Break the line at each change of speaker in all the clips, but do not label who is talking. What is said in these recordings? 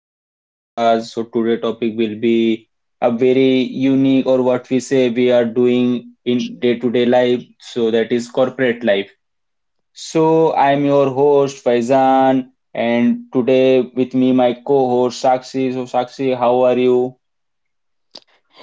to my podcast. So today topic will be a very unique or what we say we are doing in day-to-day life. So that is corporate life. So I am your host Faizan and today with me my co-host Sakshi. So Sakshi, how are you?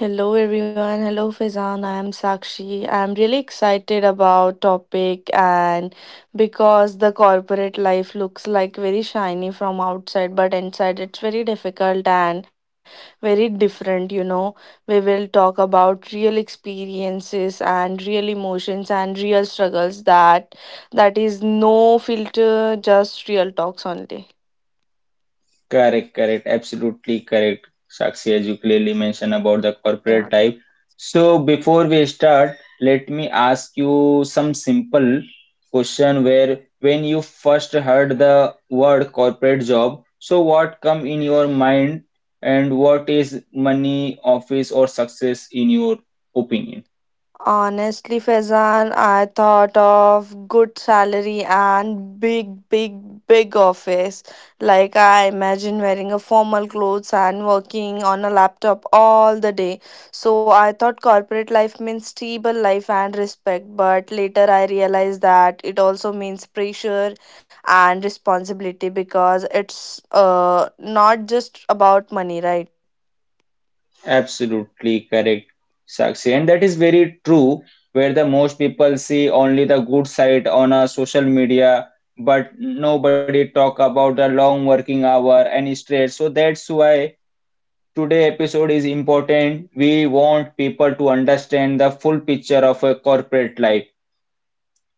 Hello everyone. Hello Faizan. I am Sakshi. I am really excited about topic, and because the corporate life looks like very shiny from outside but inside it's very difficult and very different, you know. We will talk about real experiences and real emotions and real struggles that is no filter, just real talks only.
Correct, correct, absolutely correct. Sakshi, as you clearly mentioned about the corporate type. So before we start, let me ask you some simple question where when you first heard the word corporate job, so what come in your mind and what is money, office or success in your opinion?
Honestly, Faizan, I thought of good salary and big, big, big office. Like I imagine wearing a formal clothes and working on a laptop all the day. So I thought corporate life means stable life and respect. But later I realized that it also means pressure and responsibility because it's not just about money, right?
Absolutely correct, Sakshi. And that is very true, where the most people see only the good side on a social media, but nobody talk about the long working hour and stress. So that's why today episode is important. We want people to understand the full picture of a corporate life.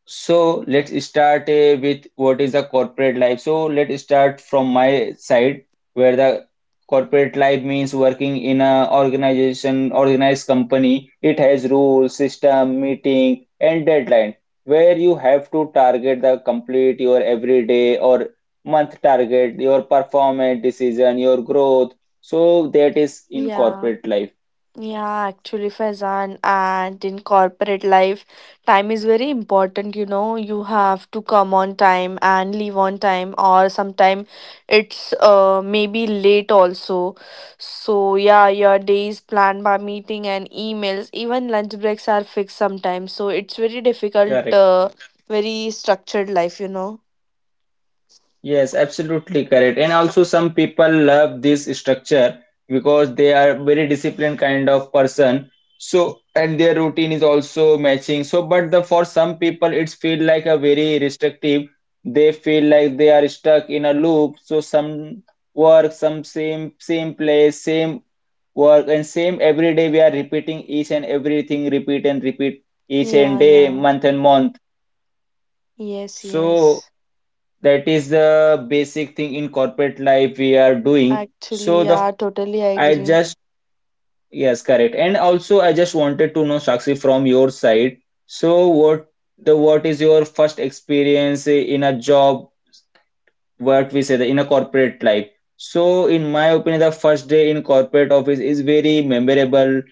So let's start with what is the corporate life. So let's start from my side, where the corporate life means working in a organization, organized company. It has rules, system, meeting, and deadline, where you have to target the complete your everyday or month target, your performance decision, your growth. So that is in
Yeah.
corporate life.
Yeah, actually, Faizan, and in corporate life, time is very important. You know, you have to come on time and leave on time, or sometime it's maybe late also. So yeah, your day is planned by meeting and emails. Even lunch breaks are fixed sometimes. So it's very difficult,
Correct.
very structured life. You know.
Yes, absolutely correct. And also, some people love this structure because they are very disciplined kind of person. So, and their routine is also matching. So, but the for some people, it's feel like a very restrictive. They feel like they are stuck in a loop. So, some work, some same place, same work, and same every day. We are repeating each and everything, repeat and repeat each and
Yeah,
day,
yeah.
month and month.
Yes,
So
yes.
that is the basic thing in corporate life we are doing so
Actually,
the
yeah, totally
I
agree.
just yes, correct. And also, I just wanted to know Sakshi from your side, so what is your first experience in a job, what we say the in a corporate life. So in my opinion, the first day in corporate office is very memorable.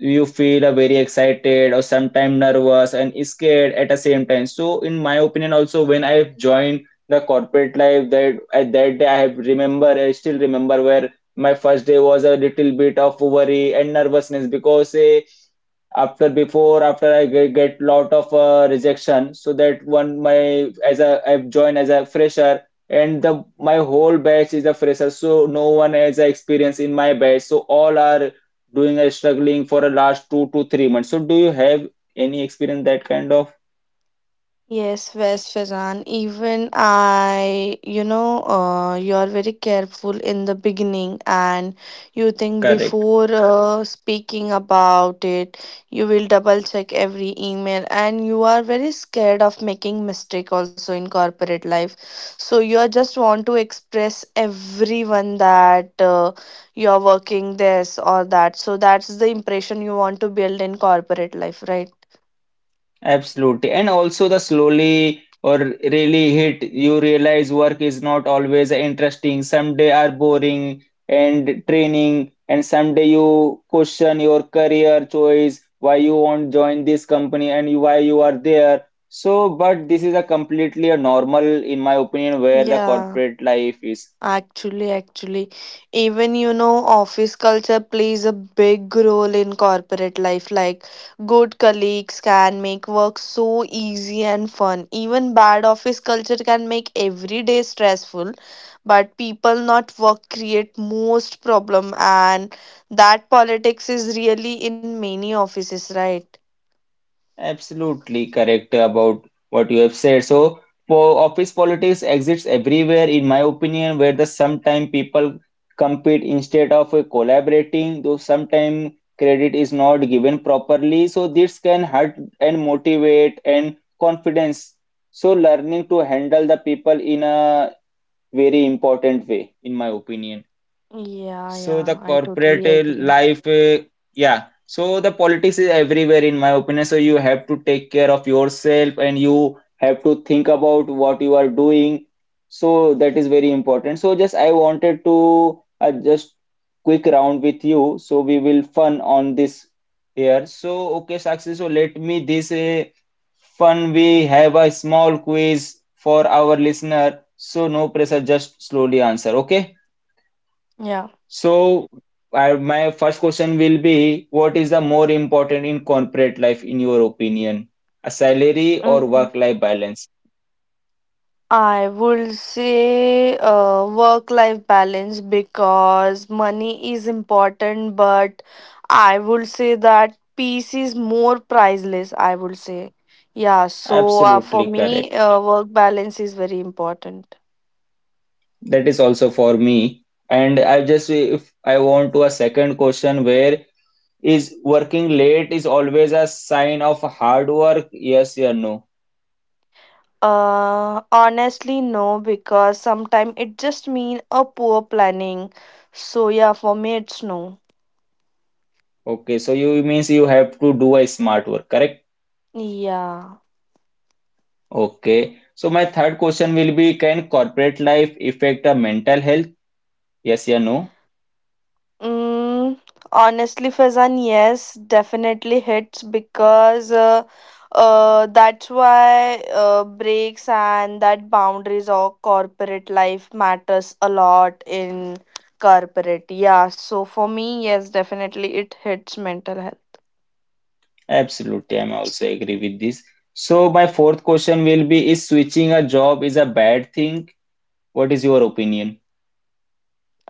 You feel a very excited or sometimes nervous and scared at the same time. So in my opinion also, when I have joined the corporate life, that at that day I have remember, I still remember where my first day was a little bit of worry and nervousness because after I get lot of rejection, so that one my as a I've joined as a fresher and the my whole batch is a fresher, so no one has a experience in my batch, so all are doing a struggling for the last 2 to 3 months. So do you have any experience that kind of?
Yes, West Fazan. Even I, you know, you are very careful in the beginning, and you think
Correct.
before speaking about it, you will double check every email, and you are very scared of making mistake also in corporate life. So you are just want to express everyone that you are working this or that. So that's the impression you want to build in corporate life, right?
Absolutely. And also the slowly or really hit, you realize work is not always interesting. Some day are boring and training, and someday you question your career choice, why you won't join this company and why you are there. So, but this is a completely a normal, in my opinion, where the
Yeah.
corporate life is.
Actually, even you know, office culture plays a big role in corporate life. Like, good colleagues can make work so easy and fun. Even bad office culture can make every day stressful, but people not work create most problem, and that politics is really in many offices, right?
Absolutely correct about what you have said. So, po office politics exists everywhere, in my opinion, where the sometime people compete instead of collaborating, though sometime credit is not given properly. So, this can hurt and motivate and confidence. So, learning to handle the people in a very important way, in my opinion.
Yeah,
So
yeah,
the
I
corporate
totally agree.
life, yeah. So the politics is everywhere in my opinion. So you have to take care of yourself and you have to think about what you are doing. So that is very important. So just I wanted to just quick round with you. So we will fun on this here. So okay, Sakshi. So let me this fun. We have a small quiz for our listener. So no pressure, just slowly answer. Okay.
Yeah.
So, I, my first question will be, what is the more important in corporate life, in your opinion? A salary or work-life balance?
I would say work life balance because money is important, but I would say that peace is more priceless. I would say, yeah. So for
Absolutely correct.
me, work balance is very important.
That is also for me. And I just, if I want to a second question, where is working late is always a sign of hard work? Yes or no?
Honestly, no, because sometimes it just mean a poor planning. So yeah, for me, it's no.
Okay, so you means you have to do a smart work, correct?
Yeah.
Okay. So my third question will be, can corporate life affect a mental health? Yes or no?
Mm, honestly, Fazan, yes, definitely hits because that's why breaks and that boundaries of corporate life matters a lot in corporate. Yeah, so for me, yes, definitely it hits mental health.
Absolutely, I'm also agree with this. So my fourth question will be, is switching a job is a bad thing? What is your opinion?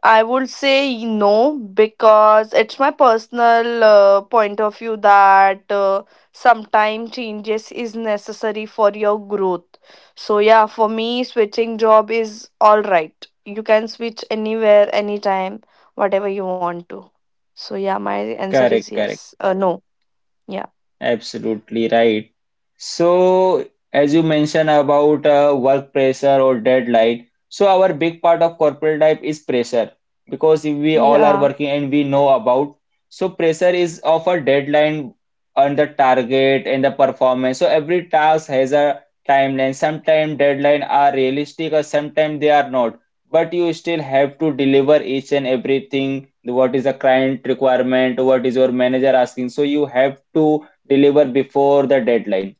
I would say no because it's my personal point of view that sometimes changes is necessary for your growth. So yeah, for me switching job is all right. You can switch anywhere, anytime, whatever you want to. So yeah, my answer is
Correct, correct.
yes. No. Yeah.
Absolutely right. So, as you mentioned about work pressure or deadline, so our big part of corporate life is pressure because if we all are
Yeah.
working and we know about. So, pressure is of a deadline on the target and the performance. So, every task has a timeline. Sometimes deadline are realistic or sometimes they are not. But you still have to deliver each and everything. What is the client requirement? What is your manager asking? So, you have to deliver before the deadline.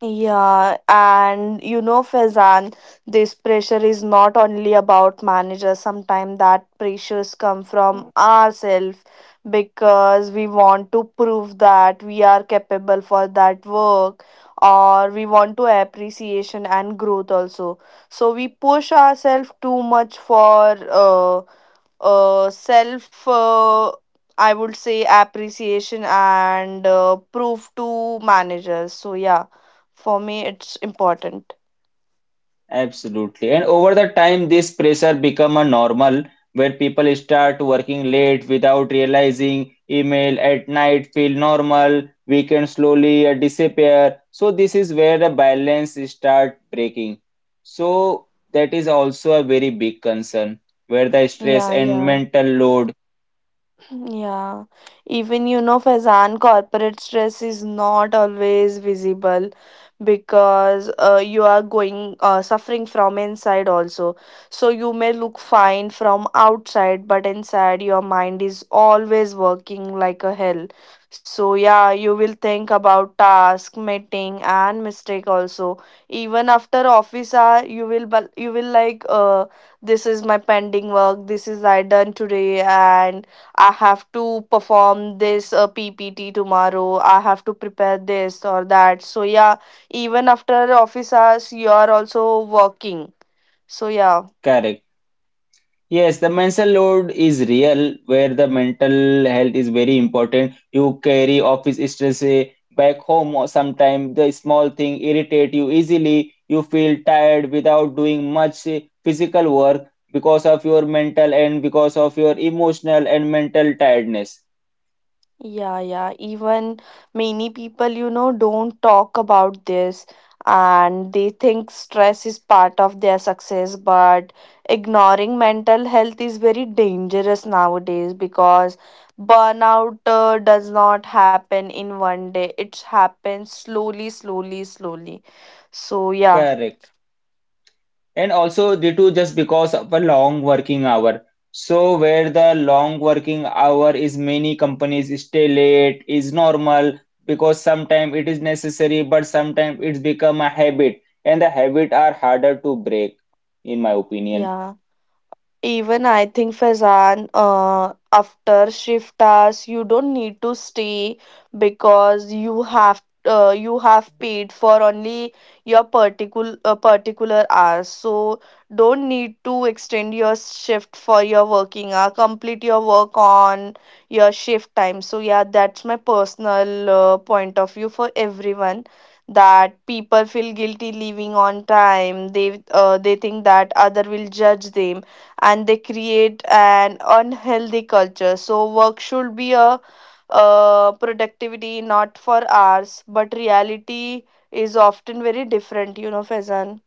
Yeah, and you know, Faizan, this pressure is not only about managers. Sometimes that pressures come from ourselves because we want to prove that we are capable for that work, or we want to appreciation and growth also. So we push ourselves too much for self I would say appreciation and proof to managers. So yeah, for me it's important.
Absolutely. And over the time, this pressure become a normal where people start working late without realizing email at night feel normal, weekend slowly disappear. So this is where the balance start breaking. So that is also a very big concern where the stress
Yeah,
and
yeah.
mental load.
Yeah, even you know, Faizan, corporate stress is not always visible because you are going suffering from inside also. So you may look fine from outside, but inside your mind is always working like a hell. So yeah, you will think about task, meeting, and mistake also. Even after office hour, you will you will like this is my pending work. This is I done today and I have to perform this PPT tomorrow. I have to prepare this or that. So, yeah, even after office hours, you are also working. So, yeah.
Correct. Yes, the mental load is real, where the mental health is very important. You carry office stress back home, or sometimes the small thing irritate you easily. You feel tired without doing much physical work because of your mental and because of your emotional and mental tiredness.
Yeah, yeah. Even many people, you know, don't talk about this, and they think stress is part of their success. But ignoring mental health is very dangerous nowadays because burnout does not happen in 1 day, it happens slowly, slowly, slowly. So, yeah,
Correct. And also, Ritu, just because of a long working hour. So, where the long working hour is many companies stay late is normal because sometimes it is necessary, but sometimes it's become a habit, and the habit are harder to break, in my opinion.
yeah. Even I think Faizan, after shift hours, you don't need to stay because you have paid for only your particular particular hours. So don't need to extend your shift for your working hour. Complete your work on your shift time. So yeah, that's my personal point of view for everyone. That people feel guilty leaving on time. They think that other will judge them, and they create an unhealthy culture. So work should be a productivity, not for hours, but reality is often very different, you know, Faizan.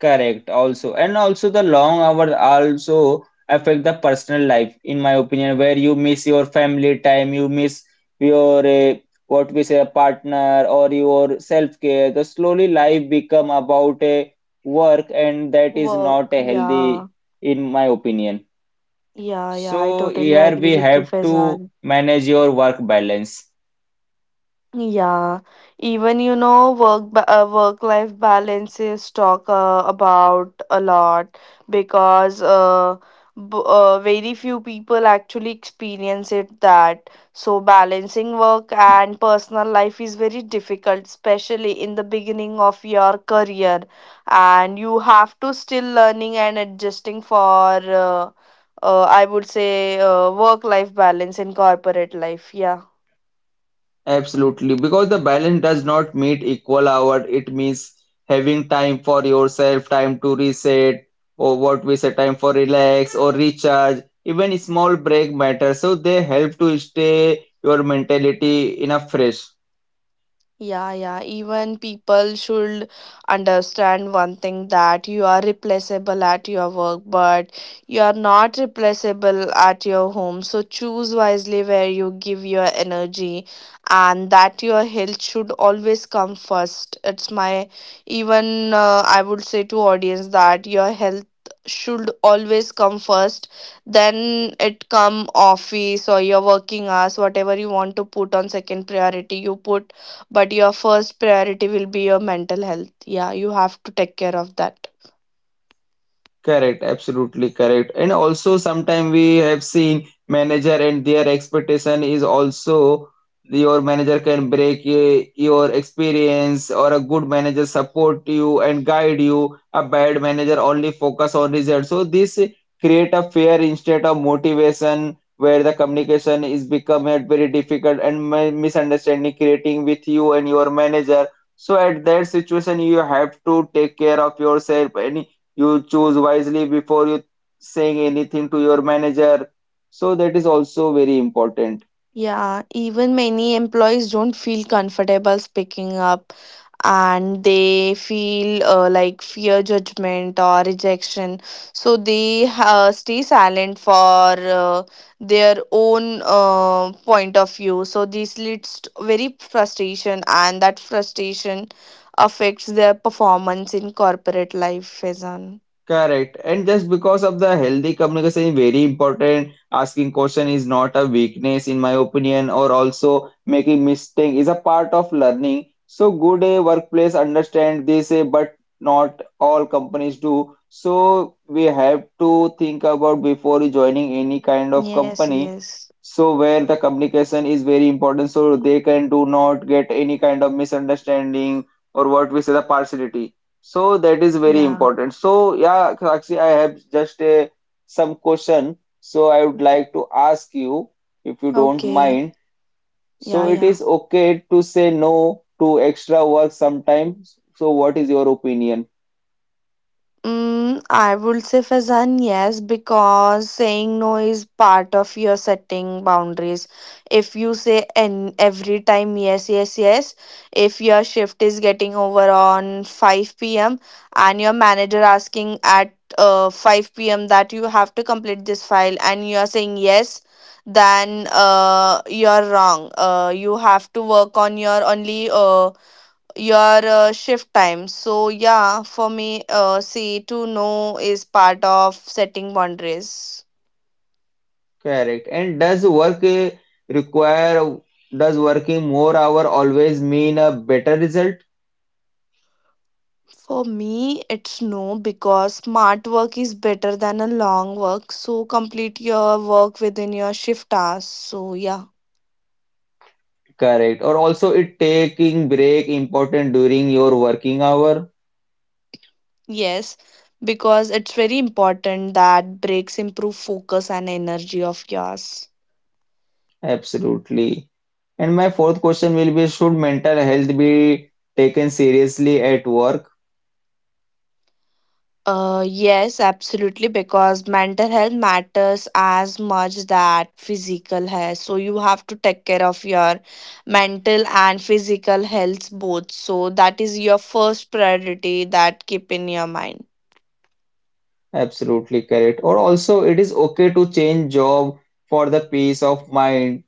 Correct, also. And also the long hours also affect the personal life, in my opinion, where you miss your family time, you miss your what we say partner or your self-care. The slowly life become about a work and that is not
Work,
a
yeah,
healthy, in my opinion.
yeah, yeah. I
So
totally
here
agree
we
with you,
have to
Faizan.
manage your work balance.
Yeah, even you know, work life balances talk about a lot because b very few people actually experience it that. So balancing work and personal life is very difficult, especially in the beginning of your career, and you have to still learning and adjusting for I would say work life balance in corporate life. Yeah.
Absolutely, because the balance does not mean equal hour. It means having time for yourself, time to reset, or what we say, time for relax or recharge. Even small break matter. So they help to stay your mentality in a fresh.
Yeah, yeah. Even people should understand one thing that you are replaceable at your work, but you are not replaceable at your home. So choose wisely where you give your energy and that your health should always come first. It's my even I would say to audience that your health should always come first, then it come office or your working hours. Whatever you want to put on second priority you put, but your first priority will be your mental health. Yeah, you have to take care of that.
Correct, absolutely correct. And also sometimes we have seen manager and their expectation is also your manager can break your experience or a good manager support you and guide you. A bad manager only focus on results. So this create a fear instead of motivation where the communication is become at very difficult and misunderstanding creating with you and your manager. So at that situation you have to take care of yourself and you choose wisely before you saying anything to your manager, so that is also very important.
Yeah, even many employees don't feel comfortable speaking up, and they feel like fear judgment or rejection. So they stay silent for their own point of view. So this leads to very frustration, and that frustration affects their performance in corporate life, Faizan.
Correct. And just because of the healthy communication is very important, asking question is not a weakness in my opinion, or also making mistake is a part of learning. So good a workplace understand this, but not all companies do. So we have to think about before joining any kind of
Yes,
company.
yes.
So where the communication is very important, so they can do not get any kind of misunderstanding or what we say the partiality. So that is very
Yeah.
important. So yeah, Sakshi, I have just a some question. So I would like to ask you if you don't
Okay.
mind. So
Yeah,
it
yeah.
is okay to say no to extra work sometimes. So what is your opinion?
I would say Faizan, yes, because saying no is part of your setting boundaries. If you say and every time yes, yes, yes, if your shift is getting over on 5 p.m. and your manager asking at 5 p.m. that you have to complete this file and you are saying yes, then you're wrong. You have to work on your only your shift time. So yeah, for me, see to know is part of setting boundaries.
Correct. And require does working more hour always mean a better result?
For me, it's no because smart work is better than a long work. So complete your work within your shift hours. So yeah,
Correct. Or also it taking break important during your working hour?
yes, because it's very important that breaks improve focus and energy of yours.
Absolutely. And my fourth question will be, should mental health be taken seriously at work?
Yes, absolutely, because mental health matters as much that physical health. So you have to take care of your mental and physical health both. So that is your first priority that keep in your mind.
Absolutely correct. Or also, it is okay to change job for the peace of mind.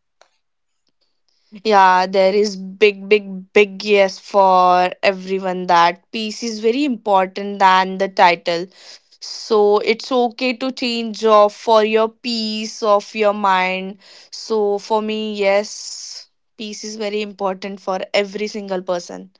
Yeah, there is big, big, big yes for everyone that peace is very important than the title. So it's okay to change of for your peace of your mind. So for me, yes, peace is very important for every single person.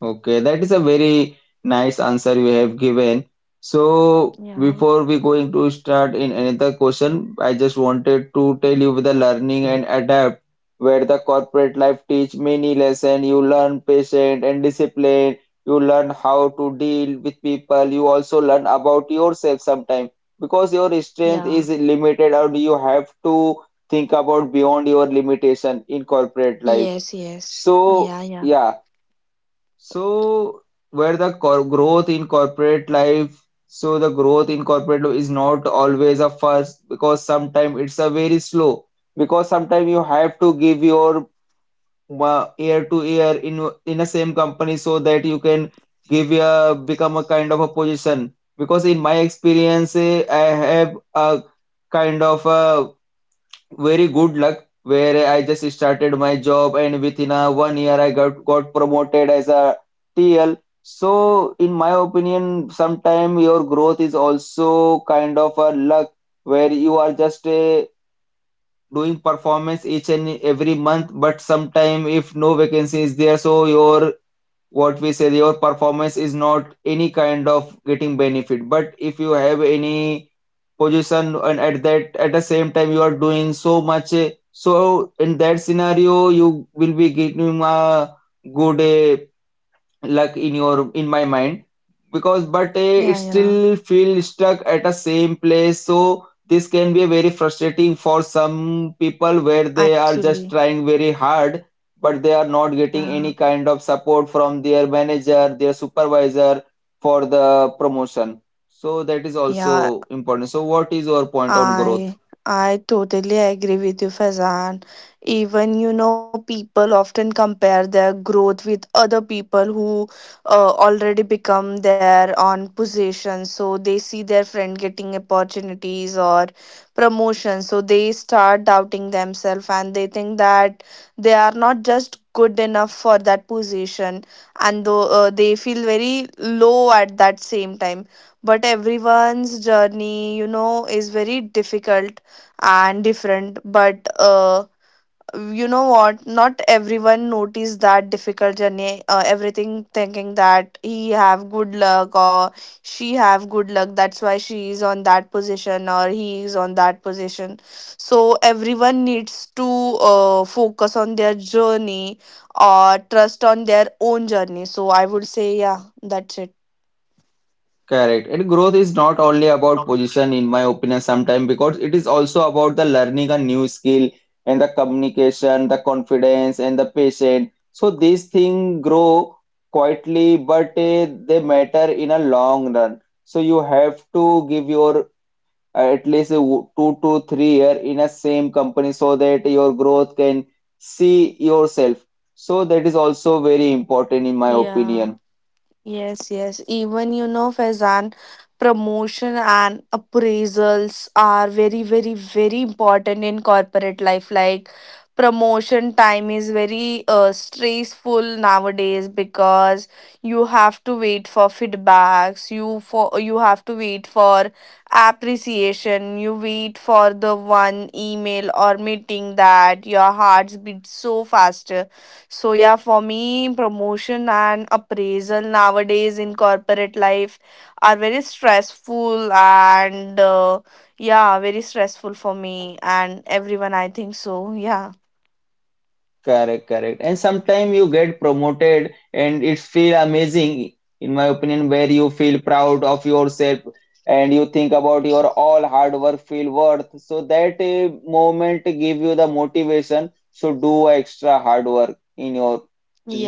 Okay, that is a very nice answer you have given. So
Yeah.
before we going to start in another question, I just wanted to tell you with the learning and adapt, where the corporate life teach many lesson. You learn patience and discipline. You learn how to deal with people. You also learn about yourself sometimes because your strength
Yeah.
is limited and you have to think about beyond your limitation in corporate life.
Yes, yes. Yeah,
So
yeah.
yeah, so, where the cor growth in corporate life, so the growth in corporate life is not always a fast because sometimes it's a very slow because sometimes you have to give your year to year in the same company so that you can give a become a kind of a position because in my experience I have a kind of a very good luck where I just started my job and within a 1 year I got promoted as a TL. So in my opinion, sometime your growth is also kind of a luck where you are just doing performance each and every month, but sometime if no vacancy is there, so your what we say your performance is not any kind of getting benefit but if you have any position and at the same time you are doing so much so in that scenario you will be getting a good luck in my mind because but eh, it
Yeah, yeah.
still feel stuck at the same place so this can be very frustrating for some people where they are just
Actually.
trying very hard but they are not getting
Yeah.
any kind of support from their manager their supervisor for the promotion so that is
Yeah.
also important so what is your point on growth.
I I totally agree with you, Fazan. Even you know, people often compare their growth with other people who already become their own position. So they see their friend getting opportunities or promotion. So they start doubting themselves, and they think that they are not just good enough for that position, and though they feel very low at that same time, but everyone's journey you know is very difficult and different. But you know what, not everyone notice that difficult journey. Everything thinking that he have good luck or she have good luck, that's why she is on that position or he is on that position. So everyone needs to focus on their journey, or trust on their own journey. So I would say yeah, that's it.
Correct. And growth is not only about position, in my opinion, sometimes because it is also about the learning a new skill and the communication, the confidence, and the patience. So these things grow quietly, but they matter in a long run. So you have to give your at least a 2 to 3 year in a same company so that your growth can see yourself. So that is also very important in my
Yeah.
opinion.
Yes, yes. Even you know, Faizan, promotion and appraisals are very, very, very important in corporate life. Like promotion time is very stressful nowadays because you have to wait for feedbacks. You have to wait for appreciation. You wait for the one email or meeting that your hearts beat so fast. So yeah, for me, promotion and appraisal nowadays in corporate life are very stressful and yeah, very stressful for me and everyone. I think so. Yeah.
Correct, correct. And sometimes you get promoted and it feel amazing, in my opinion, where you feel proud of yourself and you think about your all hard work feel worth. So that moment give you the motivation to do extra hard work in your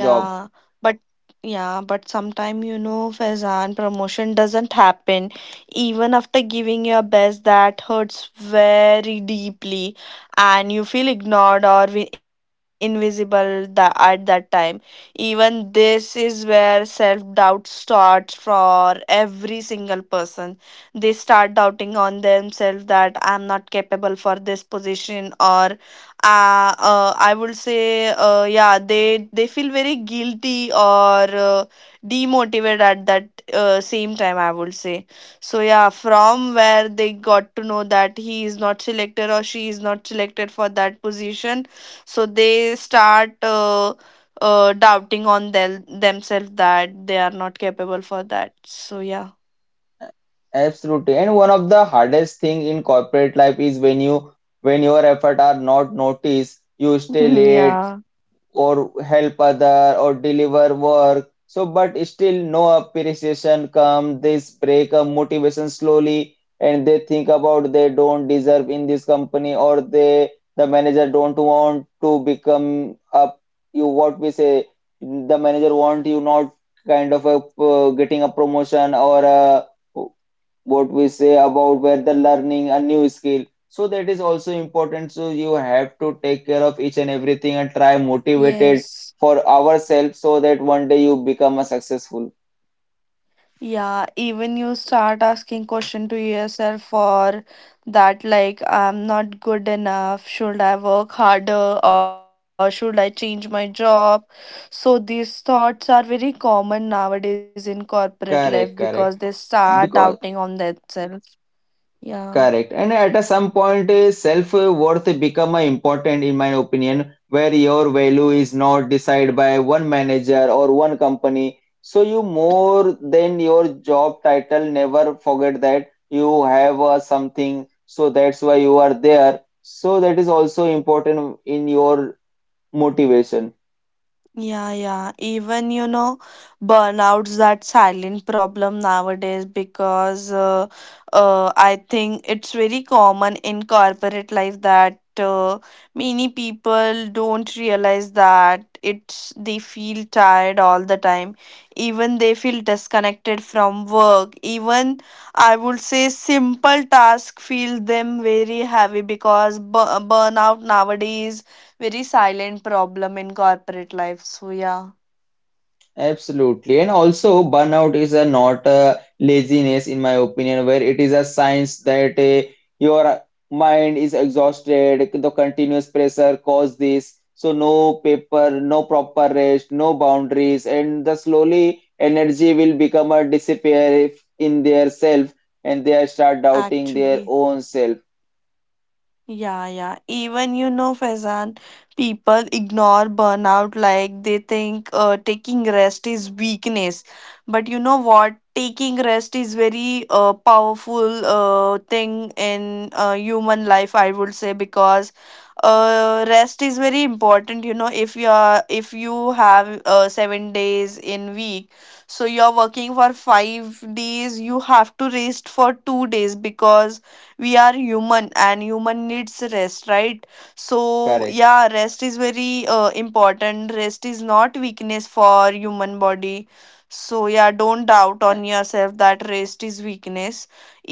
job.
but yeah, but sometime you know, Faizan, promotion doesn't happen even after giving your best. That hurts very deeply, and you feel ignored or invisible at that time. Even this is where self-doubt starts for every single person. They start doubting on themselves that I'm not capable for this position, or I would say, yeah, they feel very guilty or uh, demotivated at that same time. I would say so. Yeah, from where they got to know that he is not selected or she is not selected for that position, so they start doubting on themselves that they are not capable for that. So yeah.
Absolutely. And one of the hardest thing in corporate life is when your effort are not noticed, you stay late
Yeah,
or help other or deliver work. So, but still no appreciation come. They break up motivation slowly and they think about they don't deserve in this company or they the manager don't want to become up you what we say the manager want you not kind of a getting a promotion or a what we say about where the learning a new skill so that is also important so you have to take care of each and everything and try motivated
yes,
for ourselves so that one day you become a successful.
yeah, even you start asking question to yourself for that, like, I'm not good enough, should I work harder or should I change my job? So these thoughts are very common nowadays in corporate life because they
Correct, correct.
start doubting on
Because,
themselves. Yeah.
correct. And at a some point, self-worth become important in my opinion, where your value is not decided by one manager or one company. So you more than your job title, never forget that you have something. So that's why you are there. So that is also important in your motivation.
Yeah, yeah. Even, burnout's that silent problem nowadays because I think it's very common in corporate life that many people don't realize that it's they feel tired all the time. Even they feel disconnected from work. Even I would say simple tasks feel them very heavy because bu burnout nowadays very silent problem in corporate life. So yeah.
Absolutely. And also, burnout is a not a laziness, in my opinion, where it is a science that your mind is exhausted, the continuous pressure cause this. So no paper, no proper rest, no boundaries, and the slowly energy will become a disappear in their self, and they start doubting their
Actually,
own self.
yeah, yeah. Even, Faizan, people ignore burnout, like they think taking rest is weakness. But you know what? Taking rest is very powerful thing in human life, I would say, because rest is very important. You know, if you have 7 days in week, so you're working for 5 days, you have to rest for 2 days because we are human and human needs rest, right? So
Correct,
yeah, rest is very important. Rest is not weakness for human body, so yeah, don't doubt on yourself that rest is weakness.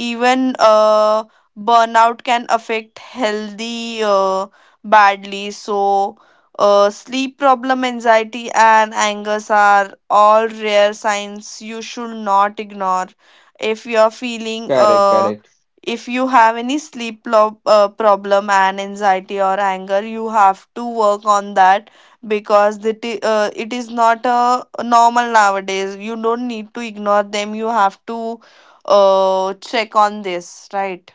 Even burnout can affect healthy badly, so sleep problem, anxiety and angers are all rare signs you should not ignore. if you are feeling
correct,
uh,
correct.
if you have any sleep problem and anxiety or anger, you have to work on that because it is not a normal nowadays. You don't need to ignore them, you have to check on this, right?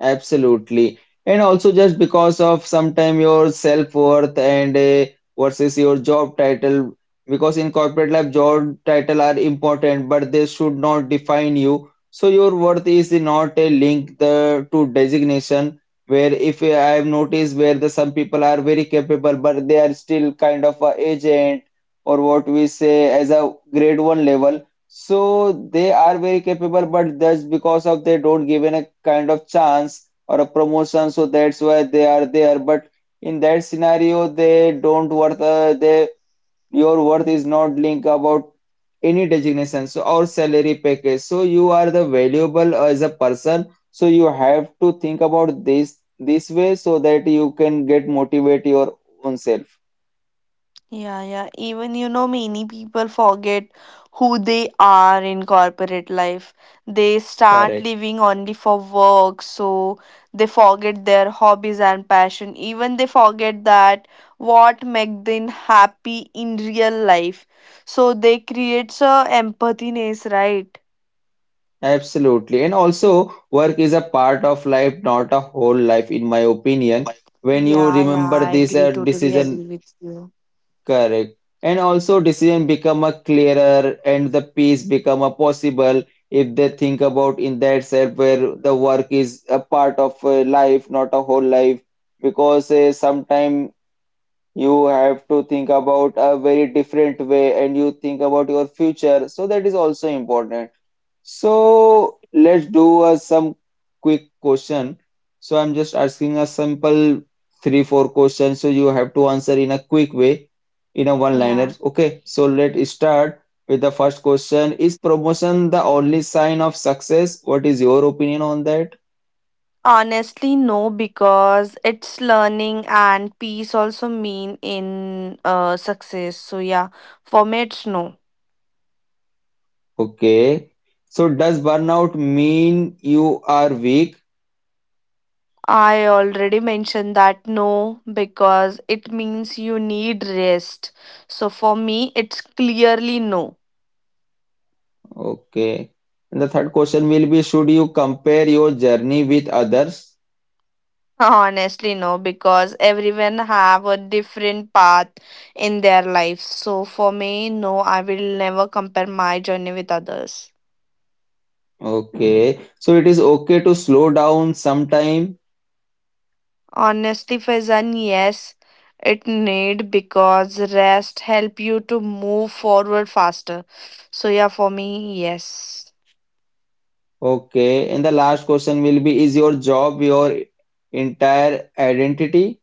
Absolutely. And also just because of sometime your self-worth and versus your job title, because in corporate life, job title are important, but they should not define you. So your worth is not a link the to designation, where if I have noticed where the some people are very capable, but they are still kind of a agent or what we say as a grade one level. So they are very capable, but just because of they don't given a kind of chance or a promotion, so that's why they are there. But in that scenario, they don't worth. They Your worth is not linked about any designation so or salary package. So you are the valuable as a person. So you have to think about this way so that you can get motivate your own self.
Yeah, yeah. Even, many people forget who they are in corporate life. They start
Correct.
living only for work, so they forget their hobbies and passion. Even they forget that what make them happy in real life. So they creates a empathy ness, right?
Absolutely. And also, work is a part of life, not a whole life, in my opinion. When you
Yeah, yeah,
remember
I
this
agree. Totally
decision,
agree with you.
correct, and also decision become a clearer and the peace become a possible if they think about in that self where the work is a part of life, not a whole life. Because sometimes you have to think about a very different way and you think about your future. So that is also important. So let's do some quick question. So I'm just asking a simple three, four questions. So you have to answer in a quick way, in a one-liner.
Yeah.
Okay. So let's start with the first question. Is promotion the only sign of success? What is your opinion on that?
Honestly, no, because it's learning and peace also mean in success. So yeah, for me it's no.
Okay. So does burnout mean you are weak?
I already mentioned that no, because it means you need rest. So for me it's clearly no.
Okay. And the third question will be, should you compare your journey with others?
Honestly, no, because everyone have a different path in their life. So for me, no, I will never compare my journey with others.
Okay, so it is okay to slow down sometime.
Honestly, Faizan, yes, it need because rest help you to move forward faster. So yeah, for me, yes.
Okay, and the last question will be, is your job your entire identity?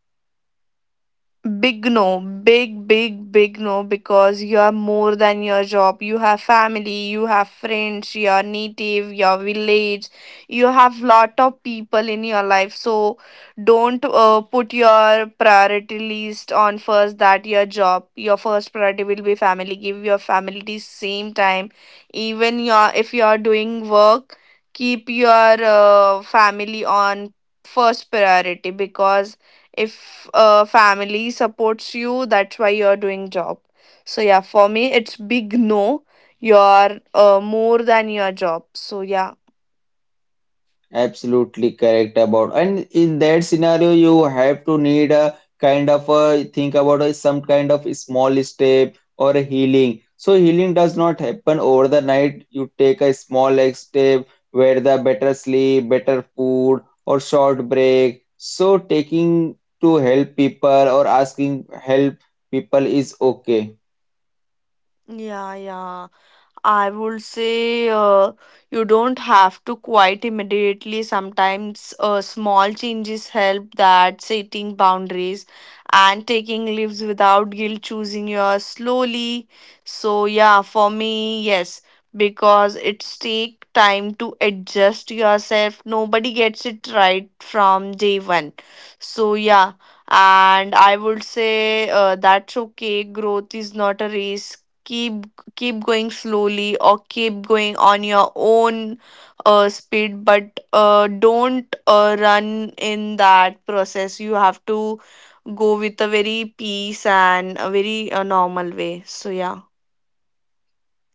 Big no, big, big, big no, because you are more than your job. You have family, you have friends, your native, your village. You have lot of people in your life. So don't put your priority list on first that your job. Your first priority will be family. Give your family the same time. Even your if you are doing work, keep your family on first priority, because if family supports you, that's why you're doing job. So yeah, for me it's big no. You're more than your job, so yeah.
Absolutely correct about. And in that scenario, you have to need a kind of a think about a, some kind of small step or a healing. So healing does not happen over the night. You take a small like step where the better sleep, better food, or short break. So taking to help people or asking help people is okay.
Yeah, yeah. I would say you don't have to quite immediately. Sometimes small changes help, that setting boundaries and taking leaves without guilt, choosing your slowly. So, yeah, for me, yes, because it's take time to adjust yourself. Nobody gets it right from day one. So, yeah, and I would say that's okay. Growth is not a race. Keep keep going slowly, or keep going on your own speed, but don't run in that process. You have to go with a very peace and a very normal way, so yeah.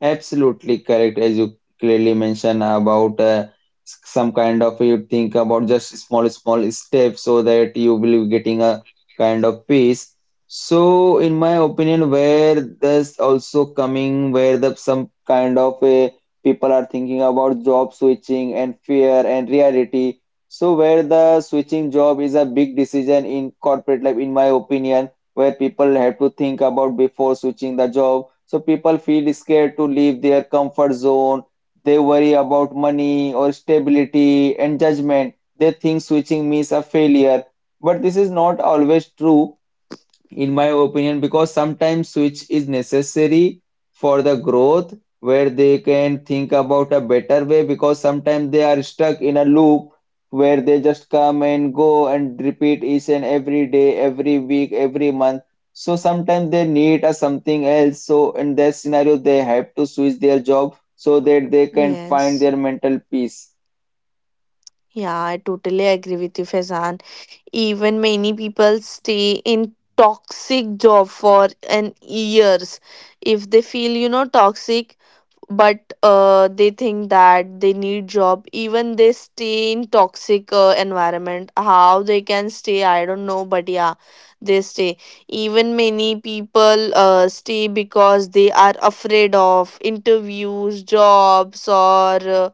Absolutely correct, as you clearly mentioned about some kind of you think about just small, small steps so that you will be getting a kind of peace. So, in my opinion, where this also coming, where the some kind of a people are thinking about job switching and fear and reality. So, where the switching job is a big decision in corporate life, in my opinion where people have to think about before switching the job. So people feel scared to leave their comfort zone. They worry about money or stability and judgment. They think switching means a failure. But this is not always true in my opinion, because sometimes switch is necessary for the growth where they can think about a better way because sometimes they are stuck in a loop where they just come and go and repeat each and every day, every week, every month. So sometimes they need a something else. So in that scenario, they have to switch their job so that they can find
Yes,
their mental peace.
yeah, I totally agree with you, Fezan. Even many people stay in toxic job for an years, if they feel, toxic, but they think that they need job. Even they stay in toxic environment. How they can stay, I don't know, but yeah, they stay. Even many people stay because they are afraid of interviews, jobs, or uh,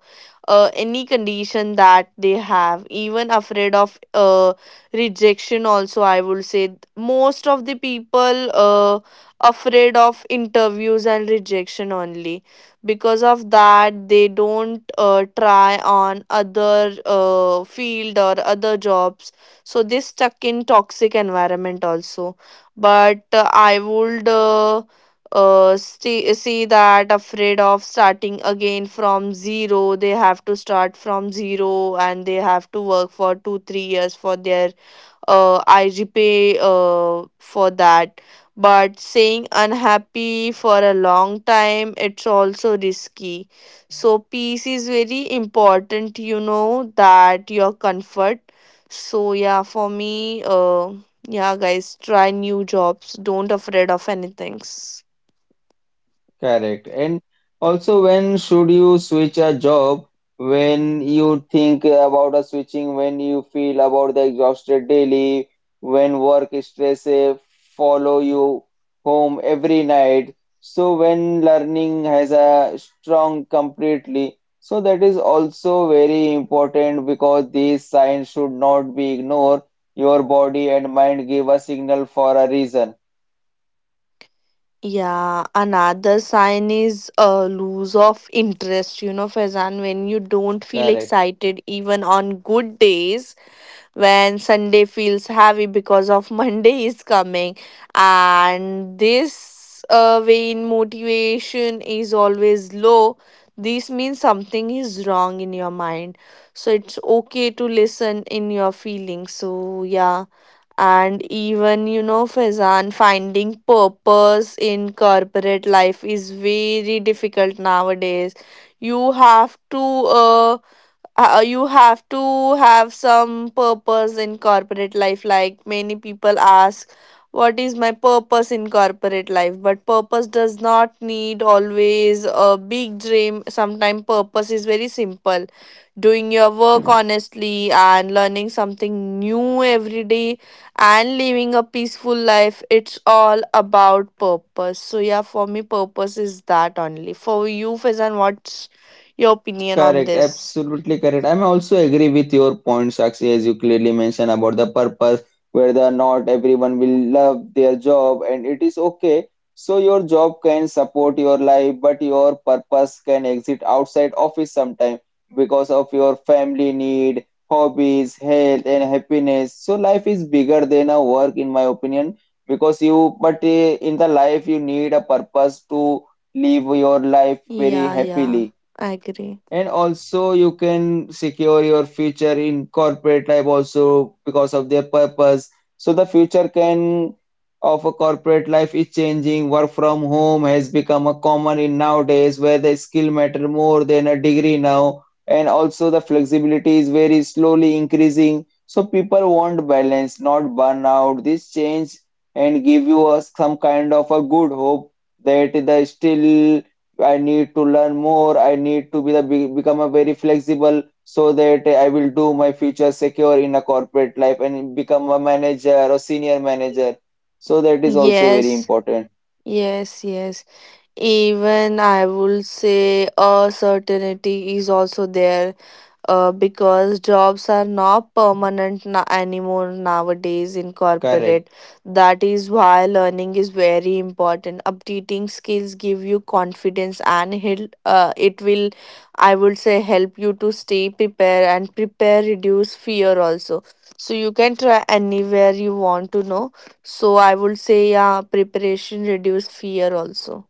uh, any condition that they have. Even afraid of rejection also, I would say. Most of the people afraid of interviews and rejection only. Because of that, they don't try on other field or other jobs. So they stuck in toxic environment also. But I would see that, afraid of starting again from zero, they have to start from zero and they have to work for 2-3 years for their I repay for that. But staying unhappy for a long time, it's also risky. So, peace is very important, that your comfort. So, yeah, for me, yeah, guys, try new jobs. Don't afraid of anything.
Correct. And also, when should you switch a job? When you think about a switching, when you feel about the exhausted daily, when work stress follow you home every night. So when learning has a strong completely, so that is also very important because these signs should not be ignored. Your body and mind give a signal for a reason.
Yeah, another sign is a lose of interest. You know, Faizan, when you don't feel
Correct.
excited even on good days, when Sunday feels heavy because of Monday is coming. And this vain, motivation is always low. This means something is wrong in your mind. So it's okay to listen in your feelings. So, yeah. And even, you know, Faizan, finding purpose in corporate life is very difficult nowadays. You have to uh, you have to have some purpose in corporate life like many people ask what is my purpose in corporate life but purpose does not need always a big dream sometimes purpose is very simple doing your work honestly and learning something new every day and living a peaceful life it's all about purpose so yeah for me purpose is that only for you Faizan, what's your opinion on
Correct,
this
absolutely correct. I'm also agree with your point, Sakshi, as you clearly mentioned about the purpose, whether not everyone will love their job, and it is okay. So your job can support your life, but your purpose can exit outside office sometime because of your family need, hobbies, health, and happiness. So life is bigger than a work, in my opinion, because in the life you need a purpose to live your life very
Yeah, yeah,
happily,
I agree.
and also, you can secure your future in corporate life also because of their purpose. So the future can of a corporate life is changing. Work from home has become a common in nowadays where the skill matter more than a degree now. And also the flexibility is very slowly increasing. So people want balance, not burnout. This change and give you us some kind of a good hope that the still I need to learn more. I need to become a very flexible so that I will do my future secure in a corporate life and become a manager or senior manager. So that is also very
Yes,
important.
yes, yes. Even I will say a certainty is also there. Because jobs are not permanent anymore nowadays in corporate.
Correct.
That is why learning is very important. Updating skills give you confidence, and it will, I would say, help you to stay prepared, and prepare reduce fear also. So you can try anywhere you want to know. So I would say, yeah, preparation reduce fear also.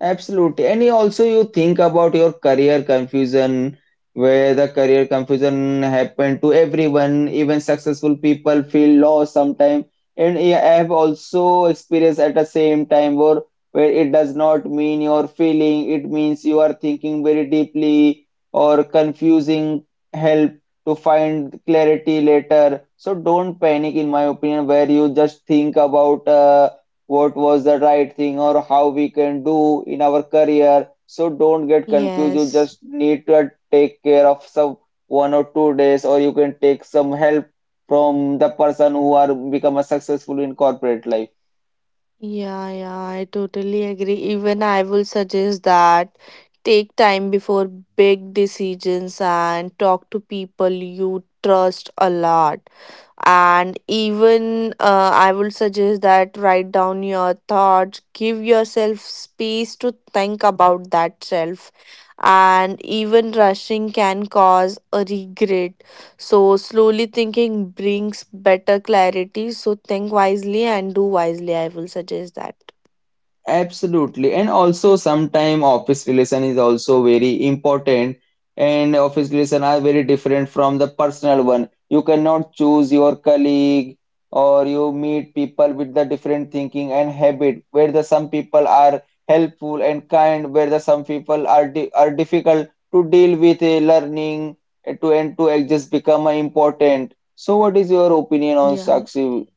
Absolutely. And you also you think about your career confusion, where the career confusion happened to everyone, even successful people feel lost sometimes. And I have also experienced at the same time where it does not mean you're feeling, it means you are thinking very deeply or confusing help to find clarity later. So don't panic in my opinion where you just think about what was the right thing or how we can do in our career. So don't get confused. You
Yes.
just need to take care of some 1 or 2 days, or you can take some help from the person who are become a successful in corporate life.
Yeah, yeah, I totally agree. Even I will suggest that, take time before big decisions and talk to people you trust a lot. And even I would suggest that write down your thoughts, give yourself space to think about that self. And even rushing can cause a regret, so slowly thinking brings better clarity. So think wisely and do wisely, I will suggest that.
Absolutely. And also sometime office relation is also very important and office relation are very different from the personal one. You cannot choose your colleague or you meet people with the different thinking and habit where the some people are helpful and kind, where the some people are di are difficult to deal with a learning to adjust become a important. So what is your opinion on
Yeah,
Sakshi?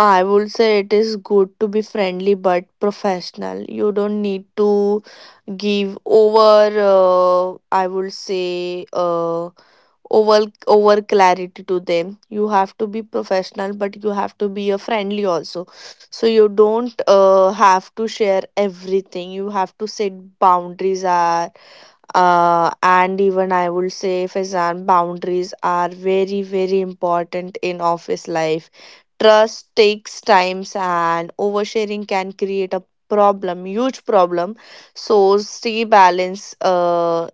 I would say it is good to be friendly but professional. You don't need to give over, I would say, over over clarity to them. You have to be professional, but you have to be a friendly also. So you don't have to share everything. You have to set boundaries. Are And even, I would say, Fazan, boundaries are very, very important in office life. Trust takes times, and oversharing can create a problem, huge problem. So stay balanced,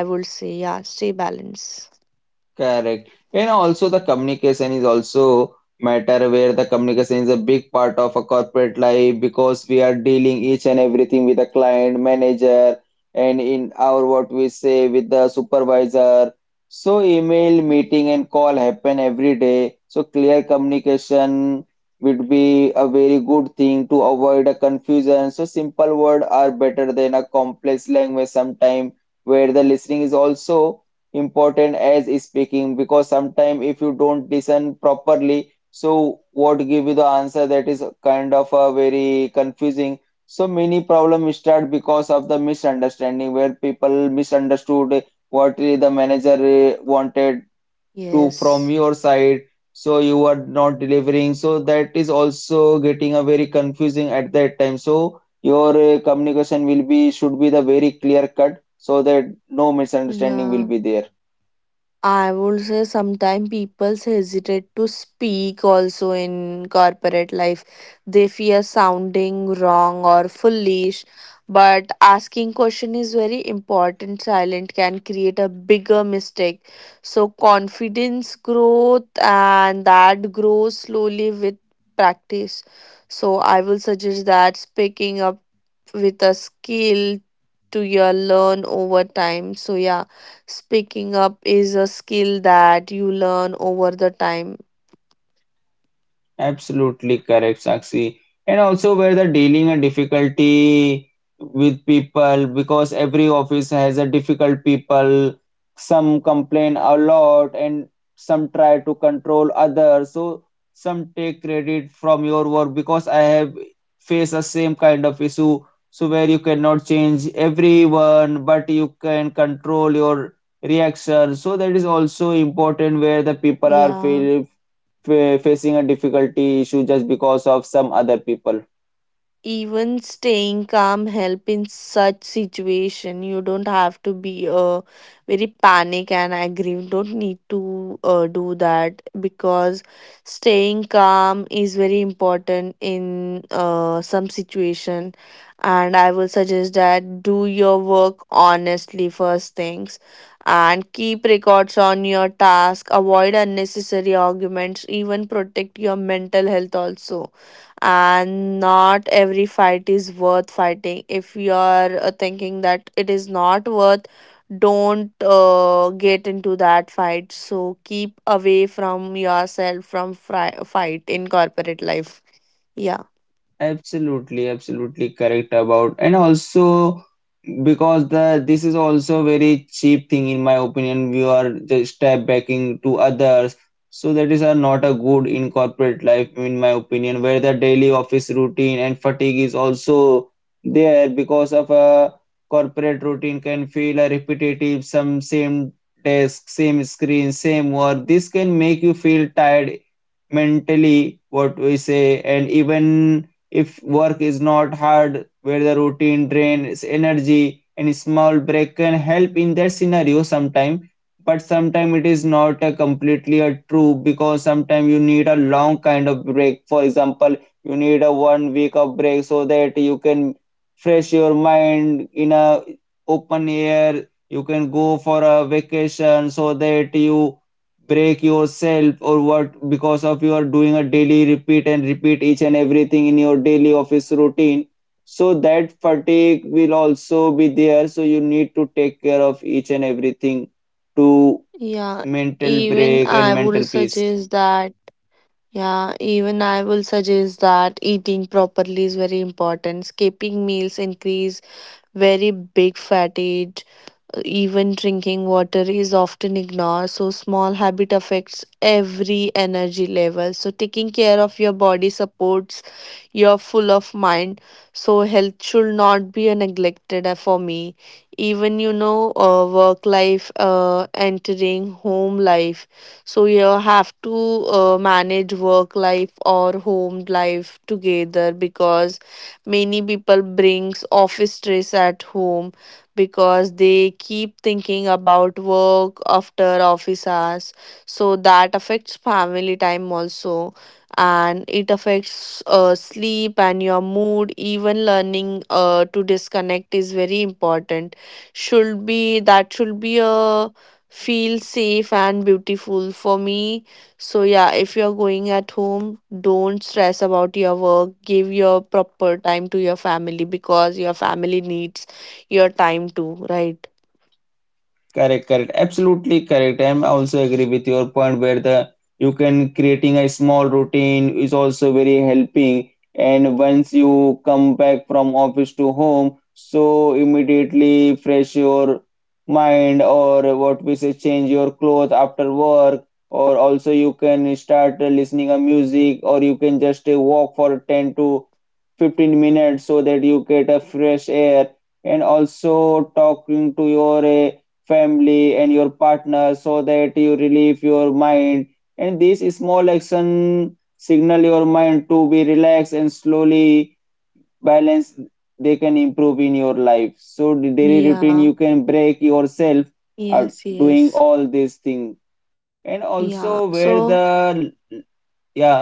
I would say, yeah, stay balanced.
Correct. And also the communication is also matter where the communication is a big part of a corporate life because we are dealing each and everything with a client, manager, and in our what we say with the supervisor. So email, meeting, and call happen every day. So clear communication would be a very good thing to avoid a confusion. So simple words are better than a complex language sometime where the listening is also important as speaking because sometimes if you don't listen properly so what give you the answer that is kind of a very confusing. So many problems start because of the misunderstanding where people misunderstood what the manager wanted to from
Yes,
your side, so you are not delivering, so that is also getting a very confusing at that time, so your communication will be should be the very clear cut so that no misunderstanding will
yeah,
be there.
I would say sometimes people hesitate to speak also in corporate life. They fear sounding wrong or foolish, but asking question is very important. Silent can create a bigger mistake. So confidence growth, and that grows slowly with practice. So I will suggest that, speaking up with a skill to your learn over time. So yeah. Speaking up is a skill that you learn over the time.
Absolutely correct, Sakshi. And also where the dealing a difficulty with people because every office has a difficult people. Some complain a lot and some try to control others. So some take credit from your work because I have faced the same kind of issue. So where you cannot change everyone, but you can control your reaction. So that is also important where the people are
Yeah.
feel facing a difficulty issue just because of some other people.
Even staying calm help in such situation. You don't have to be very panic and angry. You don't need to do that, because staying calm is very important in some situation. And I will suggest that do your work honestly, first things, and keep records on your task. Avoid unnecessary arguments. Even protect your mental health also. And not every fight is worth fighting. If you are thinking that it is not worth, don't get into that fight. So keep away from yourself, from fight in corporate life. Yeah.
Absolutely, absolutely correct about, and also because the this is also very cheap thing in my opinion. We are just step backing to others, so that is a not a good in corporate life in my opinion. Where the daily office routine and fatigue is also there because of a corporate routine can feel a repetitive, some same desk, same screen, same work. This can make you feel tired mentally what we say, and even if work is not hard where the routine drains energy and small break can help in that scenario sometime, but sometime it is not a completely a true because sometime you need a long kind of break. For example, you need a one week of break so that you can fresh your mind in a open air. You can go for a vacation so that you break yourself or what because of you are doing a daily repeat and repeat each and everything in your daily office routine, so that fatigue will also be there, so you need to take care of each and everything to
Yeah,
mental
even
break and
i will
mental peace.
suggest that yeah even I will suggest that eating properly is very important. Skipping meals increase very big fatigue. Even drinking water is often ignored. So, small habit affects every energy level. So, taking care of your body supports your full of mind. So, health should not be a neglected, for me. Even work life, entering home life. So, you have to manage work life or home life together, because many people brings office stress at home, because they keep thinking about work after office hours. So that affects family time also, and it affects sleep and your mood. Even learning to disconnect is very important. Should be that should be a feel safe and beautiful, for me. So yeah, if you're going at home, don't stress about your work. Give your proper time to your family, because your family needs your time too, right?
Correct, correct. Absolutely correct. I'm also agree with your point where the you can creating a small routine is also very helping. And once you come back from office to home, so immediately fresh your mind or what we say change your clothes after work, or also you can start listening a music, or you can just walk for 10 to 15 minutes so that you get a fresh air and also talking to your family and your partner so that you relieve your mind, and this small action signal your mind to be relaxed and slowly balance they can improve in your life so the daily routine
Yeah,
you can break yourself are
yes,
doing
yes.
all these things and also
Yeah.
where
So
the. Yeah.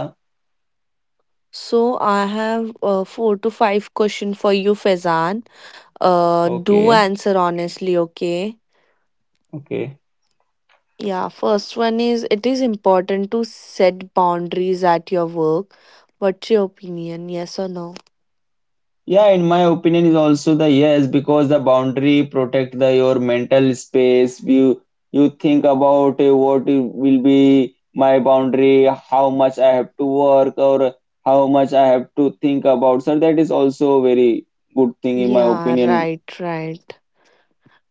so I have four to five question for you, Faizan. Do
Okay,
answer honestly, okay?
okay.
Yeah, first one is it is important to set boundaries at your work. What's your opinion? Yes or no?
Yeah, in my opinion is also the yes because the boundary protect the your mental space. You think about what it will be my boundary, how much I have to work or how much I have to think about. So that is also a very good thing in my
Yeah,
opinion.
right, right.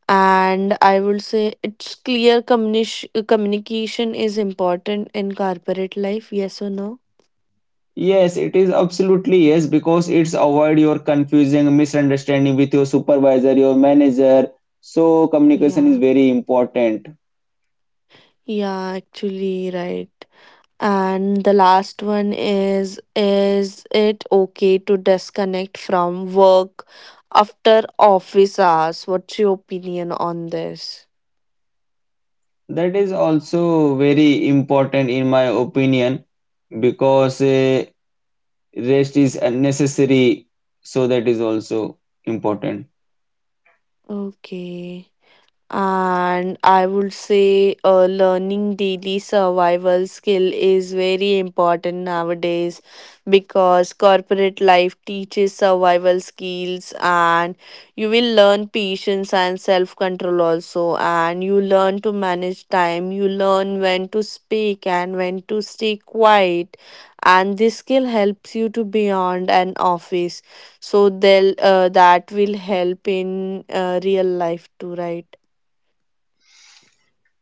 And I will say it's clear communication is important in corporate life. Yes or no?
Yes, it is absolutely yes because it's avoid your confusing misunderstanding with your supervisor, your manager. So communication is
Yeah.
very important.
Yeah, actually, right. And the last one is it okay to disconnect from work after office hours? What's your opinion on this?
That is also very important in my opinion because rest is unnecessary, so that is also important.
Okay. And I would say learning daily survival skill is very important nowadays, because corporate life teaches survival skills, and you will learn patience and self control also, and you learn to manage time, you learn when to speak and when to stay quiet, and this skill helps you to beyond an office. So they'll that will help in real life too, right?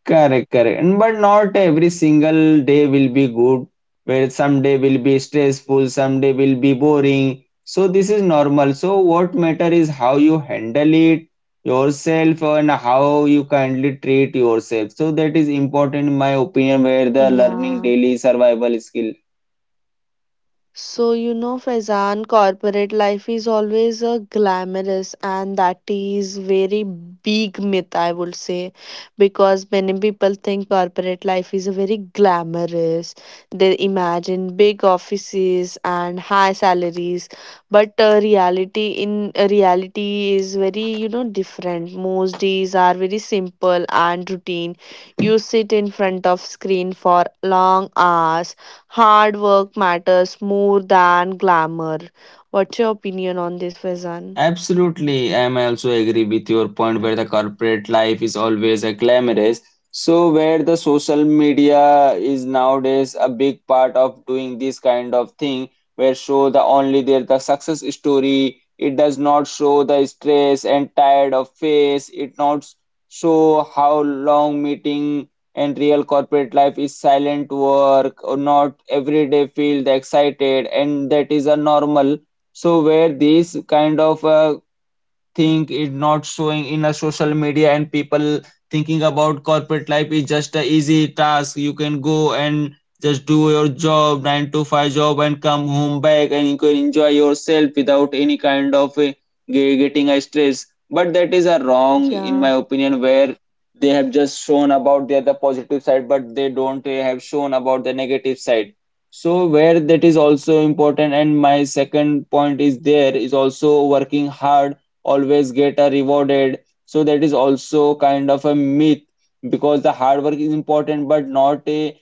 Correct, correct. And but not every single day will be good, where some day will be stressful, some day will be boring. So this is normal. So what matter is how you handle it yourself and how you kindly treat yourself. So that is important in my opinion, where the learning
Yeah.
daily survival skill.
So, you know, Faizan, corporate life is always glamorous, and that is very big myth, I would say, because many people think corporate life is a very glamorous. They imagine big offices and high salaries, but reality is very, you know, different. Most days are very simple and routine. You sit in front of screen for long hours. Hard work matters more than glamour. What's your opinion on this, Faizan?
Absolutely, I'm also agree with your point where the corporate life is always a glamorous. So where the social media is nowadays a big part of doing this kind of thing, where show the only there the success story. It does not show the stress and tired of face. It not show how long meeting and real corporate life is silent work or not every day feel the excited and that is a normal. So where these kind of think it not showing in a social media and people thinking about corporate life is just a easy task. You can go and just do your job 9 to 5 job and come home back and you can enjoy yourself without any kind of getting a stress, but that is a wrong in my
Yeah.
opinion where they have just shown about their the positive side but they don't have shown about the negative side. So where that is also important, and my second point is there is also working hard always get a rewarded. So that is also kind of a myth because the hard work is important, but not a,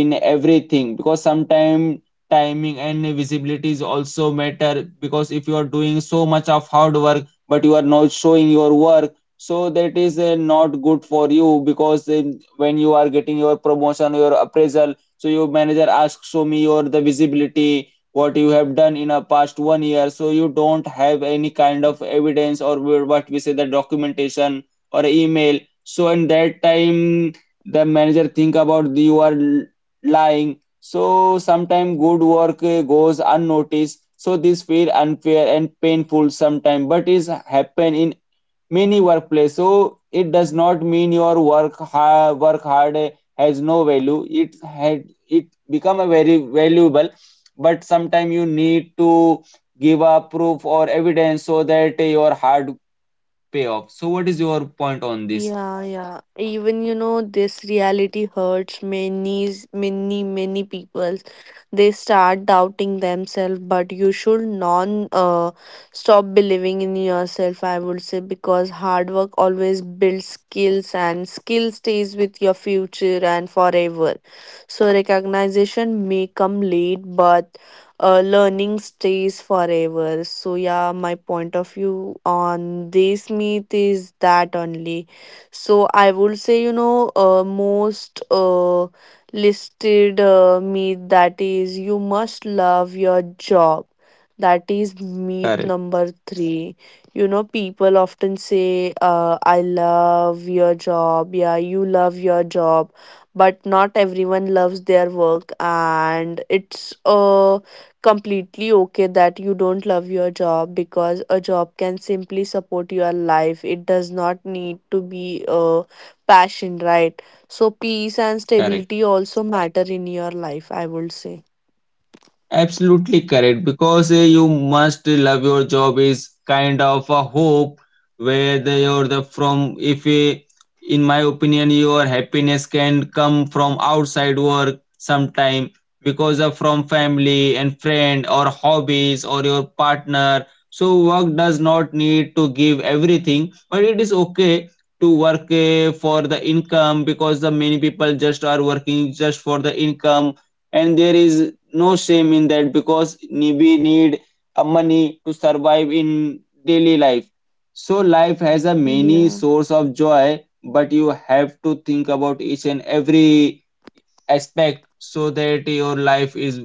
in everything because sometimes timing and visibility is also matter because if you are doing so much of hard work but you are not showing your work so that is not good for you because when you are getting your promotion your appraisal so your manager asks show me your the visibility what you have done in a past one year so you don't have any kind of evidence or what we say the documentation or email. So in that time the manager think about you are lying. So sometimes good work goes unnoticed so this feel unfair and painful sometimes but is happen in many workplace, so it does not mean your work hard has no value, it had it become a very valuable, but sometimes you need to give a proof or evidence so that your hard pay off. So what is your point on this?
Yeah, yeah. Even you know, this reality hurts many, many, many people. They start doubting themselves, but you should non stop believing in yourself, I would say, because hard work always builds skills, and skill stays with your future and forever. So recognition may come late, but learning stays forever. So yeah, my point of view on this myth is that only. So I would say, you know, most listed myth that is you must love your job, that is myth
Correct,
number three. You know, people often say, I love your job. Yeah, you love your job. But not everyone loves their work. And it's completely okay that you don't love your job, because a job can simply support your life. It does not need to be a passion, right? So, peace and
correct.
stability also matter in your life, I would say.
Absolutely correct because you must love your job is kind of a hope where they are the from if in my opinion your happiness can come from outside work sometime because of from family and friend or hobbies or your partner, so work does not need to give everything, but it is okay to work for the income because the many people just are working just for the income, and there is no shame in that because we need a money to survive in daily life, so life has a many
Yeah.
source of joy, but you have to think about each and every aspect so that your life is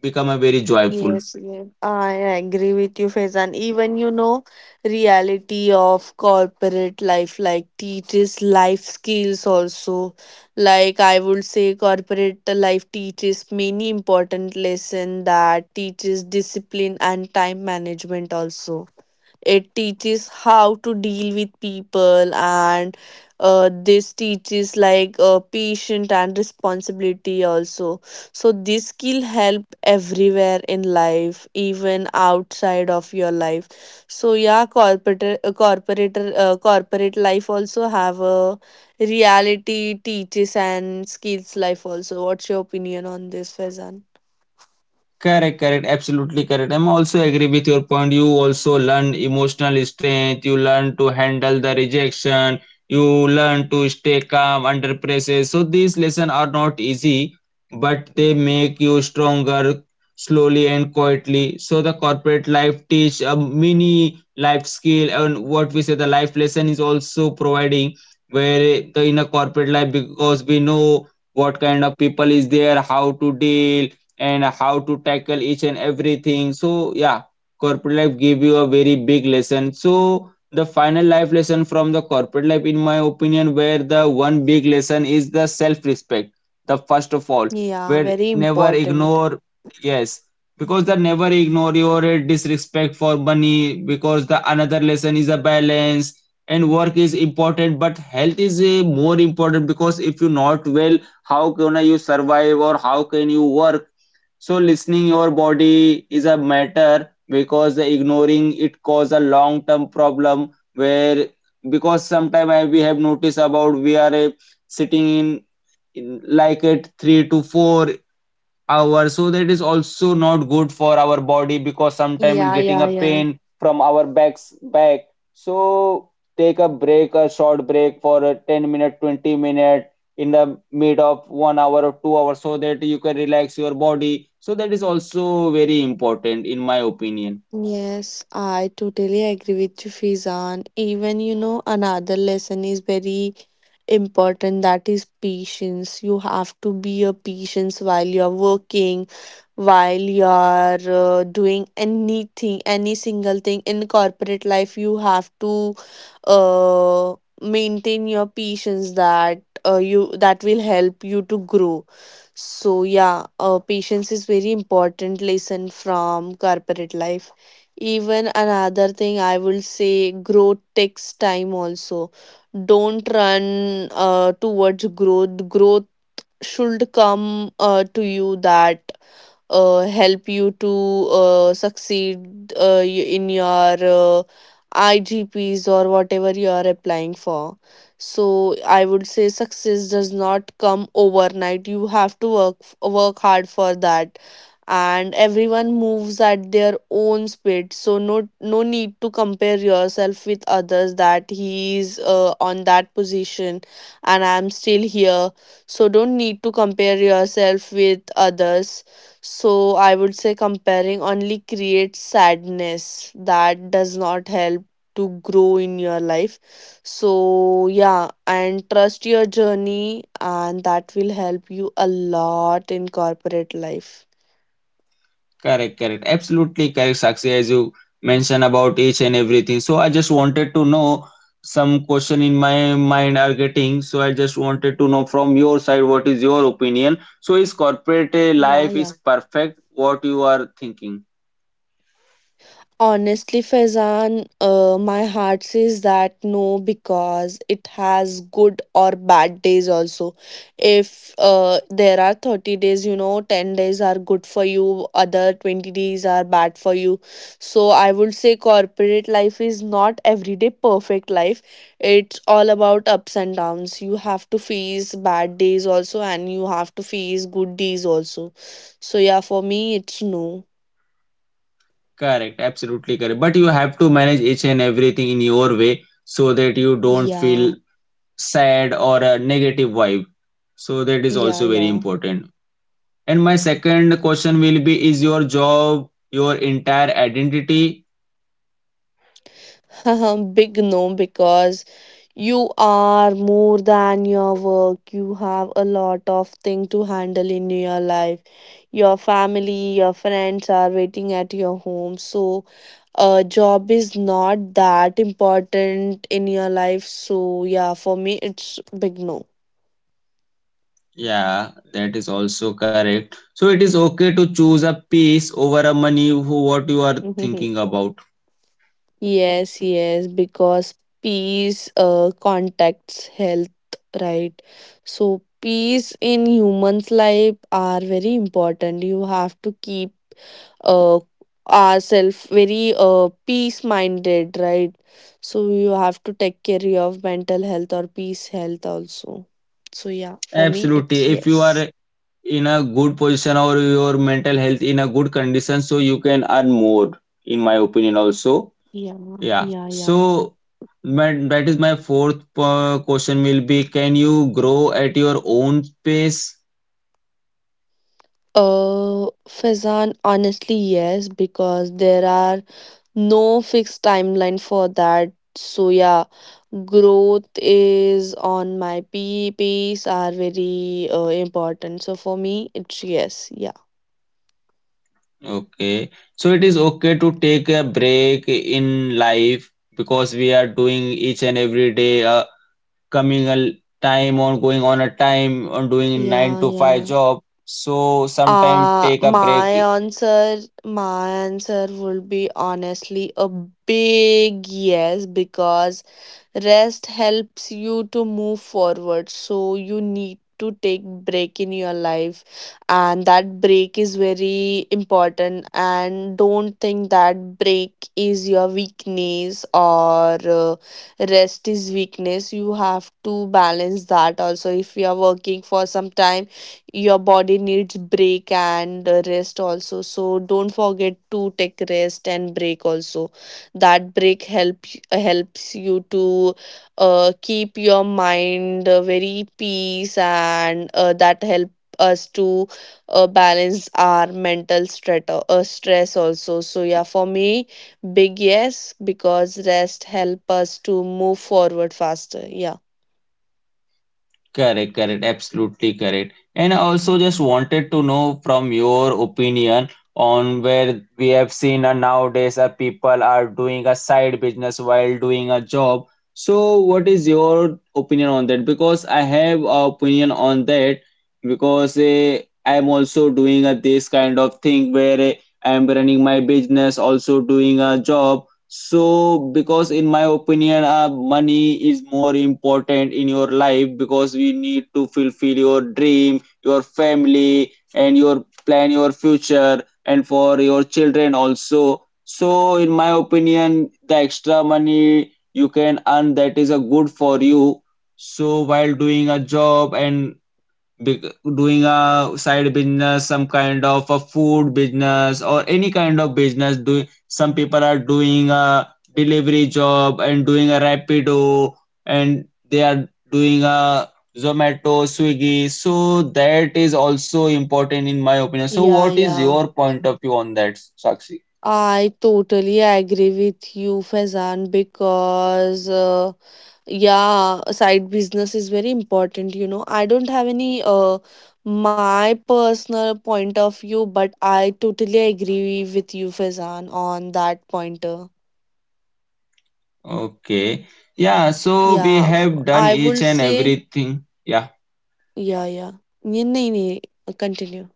become a very joyful.
Yes, yes, I agree with you, Faizan. Even you know, reality of corporate life like teaches life skills also. Like I would say, corporate life teaches many important lesson that teaches discipline and time management also. It teaches how to deal with people, and this teaches like patient and responsibility also. So this skill help everywhere in life, even outside of your life. So yeah, corporate life also have a reality teaches and skills life also. What's your opinion on this, Faizan?
Correct, correct, absolutely correct. I'm also agree with your point. You also learn emotional strength, you learn to handle the rejection, you learn to stay calm under pressure. So these lessons are not easy, but they make you stronger slowly and quietly. So the corporate life teach a mini life skill and what we say the life lesson is also providing where the in a corporate life because we know what kind of people is there, how to deal and how to tackle each and everything. So yeah, corporate life gave you a very big lesson. So the final life lesson from the corporate life, in my opinion, where the one big lesson is the self-respect. The first of all,
Yeah,
where
very
never
important.
ignore. Yes, because the never ignore your disrespect for money. Because the another lesson is a balance. And work is important, but health is more important because if you not well, how can you survive or how can you work, so listening your body is a matter because ignoring it cause a long term problem where because sometimes we have noticed about we are sitting in, like at 3 to 4 hour so that is also not good for our body because sometimes it's
Yeah,
getting
yeah,
a
yeah.
pain from our backs back. So take a break, a short break for a 10 minute 20 minute in the mid of 1 hour or 2 hours so that you can relax your body, so that is also very important in my opinion.
Yes, I totally agree with you, Fizan. Even you know, another lesson is very important, that is patience. You have to be a patience while you're working, while you're doing anything, any single thing in corporate life. You have to uh, maintain your patience, that you that will help you to grow. So yeah, patience is very important lesson from corporate life. Even another thing I will say, growth takes time also. Don't run towards growth. Growth should come to you, that help you to succeed in your IGPs or whatever you are applying for. So I would say success does not come overnight. You have to work hard for that, and everyone moves at their own speed. So no need to compare yourself with others, that he is on that position, and I am still here, so don't need to compare yourself with others. So I would say comparing only creates sadness, that does not help to grow in your life. So yeah, and trust your journey, and that will help you a lot in corporate life.
Correct, correct. Absolutely correct, Sakshi, as you mentioned about each and everything. So I just wanted to know some question in my mind are getting. So I just wanted to know from your side what is your opinion. So is corporate
Yeah,
life is
yeah.
perfect what you are thinking?
Honestly, Faizan, my heart says that no, because it has good or bad days also. If there are 30 days, you know, 10 days are good for you, other 20 days are bad for you. So I would say corporate life is not everyday perfect life. It's all about ups and downs. You have to face bad days also, and you have to face good days also. So yeah, for me, it's no.
Correct, absolutely correct. But you have to manage each and everything in your way so that you don't feel
Yeah,
sad or a negative vibe. So that is
yeah,
also very
yeah.
important. And my second question will be, is your job your entire identity?
Big no, because you are more than your work. You have a lot of thing to handle in your life. Your family, your friends are waiting at your home. So, a job is not that important in your life. So, yeah, for me, it's big no.
Yeah, that is also correct. So it is okay to choose a peace over a money who what you are thinking about.
Yes, yes, because peace contacts health, right? So, peace in humans' life are very important. You have to keep uh, ourselves very peace minded, right? So, you have to take care of mental health or peace health also. So, yeah, for me,
Absolutely.
it's
If you
yes.
are in a good position or your mental health in a good condition, so you can earn more, in my opinion
Yeah,
also.
yeah,
Yeah.
yeah.
So my, that is my fourth question will be, can you grow at your own pace?
Fazan, honestly, yes, because there are no fixed timeline for that. So yeah, growth is on my P pace are very important. So for me, it's yes, yeah,
Okay. So it is okay to take a break in life because we are doing each and every day a coming a time on going on a time on doing nine
yeah,
to five
yeah.
job. So sometime take a break.
My answer would be honestly a big yes, because rest helps you to move forward, so you need to take break in your life, and that break is very important, and don't think that break is your weakness or rest is weakness. You have to balance that also. If you are working for some time, your body needs break, and rest also, so don't forget to take rest and break also. That break helps you to keep your mind very peace, and that help us to balance our mental stress also. So yeah, for me, big yes, because rest help us to move forward faster. Yeah,
Correct, correct, absolutely correct. And I also just wanted to know from your opinion on where we have seen nowadays people are doing a side business while doing a job. So what is your opinion on that? Because I have a opinion on that because I'm also doing this kind of thing where I'm running my business, also doing a job. So, because in my opinion, money is more important in your life because we need to fulfill your dream, your family, and your plan your future, and for your children also. So, in my opinion, the extra money you can earn that is a good for you. So, while doing a job and big, doing a side business, some kind of a food business or any kind of business doing, some people are doing a delivery job and doing a Rapido, and they are doing a Zomato Swiggy, so that is also important in my opinion. So
yeah,
what is
yeah.
your point of view on that, Sakshi?
I totally agree with you, Faizan, because yeah, a side business is very important, you know. I don't have any my personal point of view, but I totally agree with you, Faizan, on that pointer.
Okay. Yeah, so we
Yeah,
have done
I
each
would
and
say,
everything. Yeah.
yeah, yeah. Yeah, nahi, nahi, continue.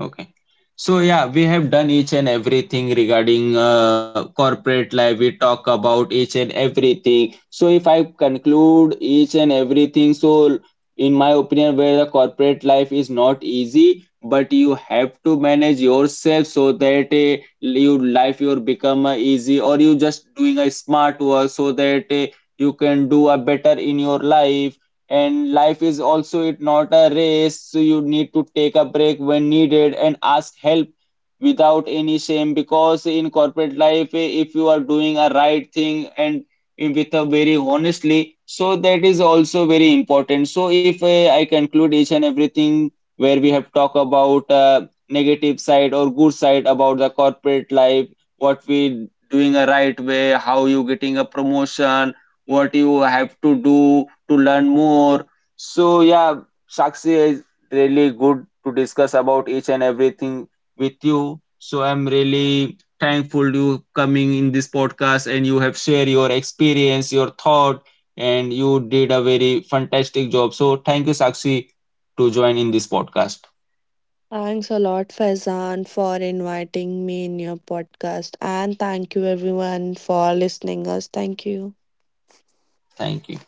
Okay. So yeah, we have done each and everything regarding corporate life. We talk about each and everything. So if I conclude each and everything, so in my opinion, where the corporate life is not easy, but you have to manage yourself so that your life your become easy, or you just doing a smart work so that you can do a better in your life, and life is also it not a race, so you need to take a break when needed and ask help without any shame because in corporate life if you are doing a right thing and with a very honestly, so that is also very important. So if I conclude each and everything where we have talked about negative side or good side about the corporate life, what we doing a right way, how you getting a promotion, what you have to do to learn more. So yeah, Sakshi is really good to discuss about each and everything with you. So I'm really thankful you coming in this podcast and you have shared your experience, your thought, and you did a very fantastic job. So thank you, Sakshi, to join in this podcast.
Thanks a lot, Faizan, for inviting me in your podcast, and thank you everyone for listening us. Thank you.
Thank you.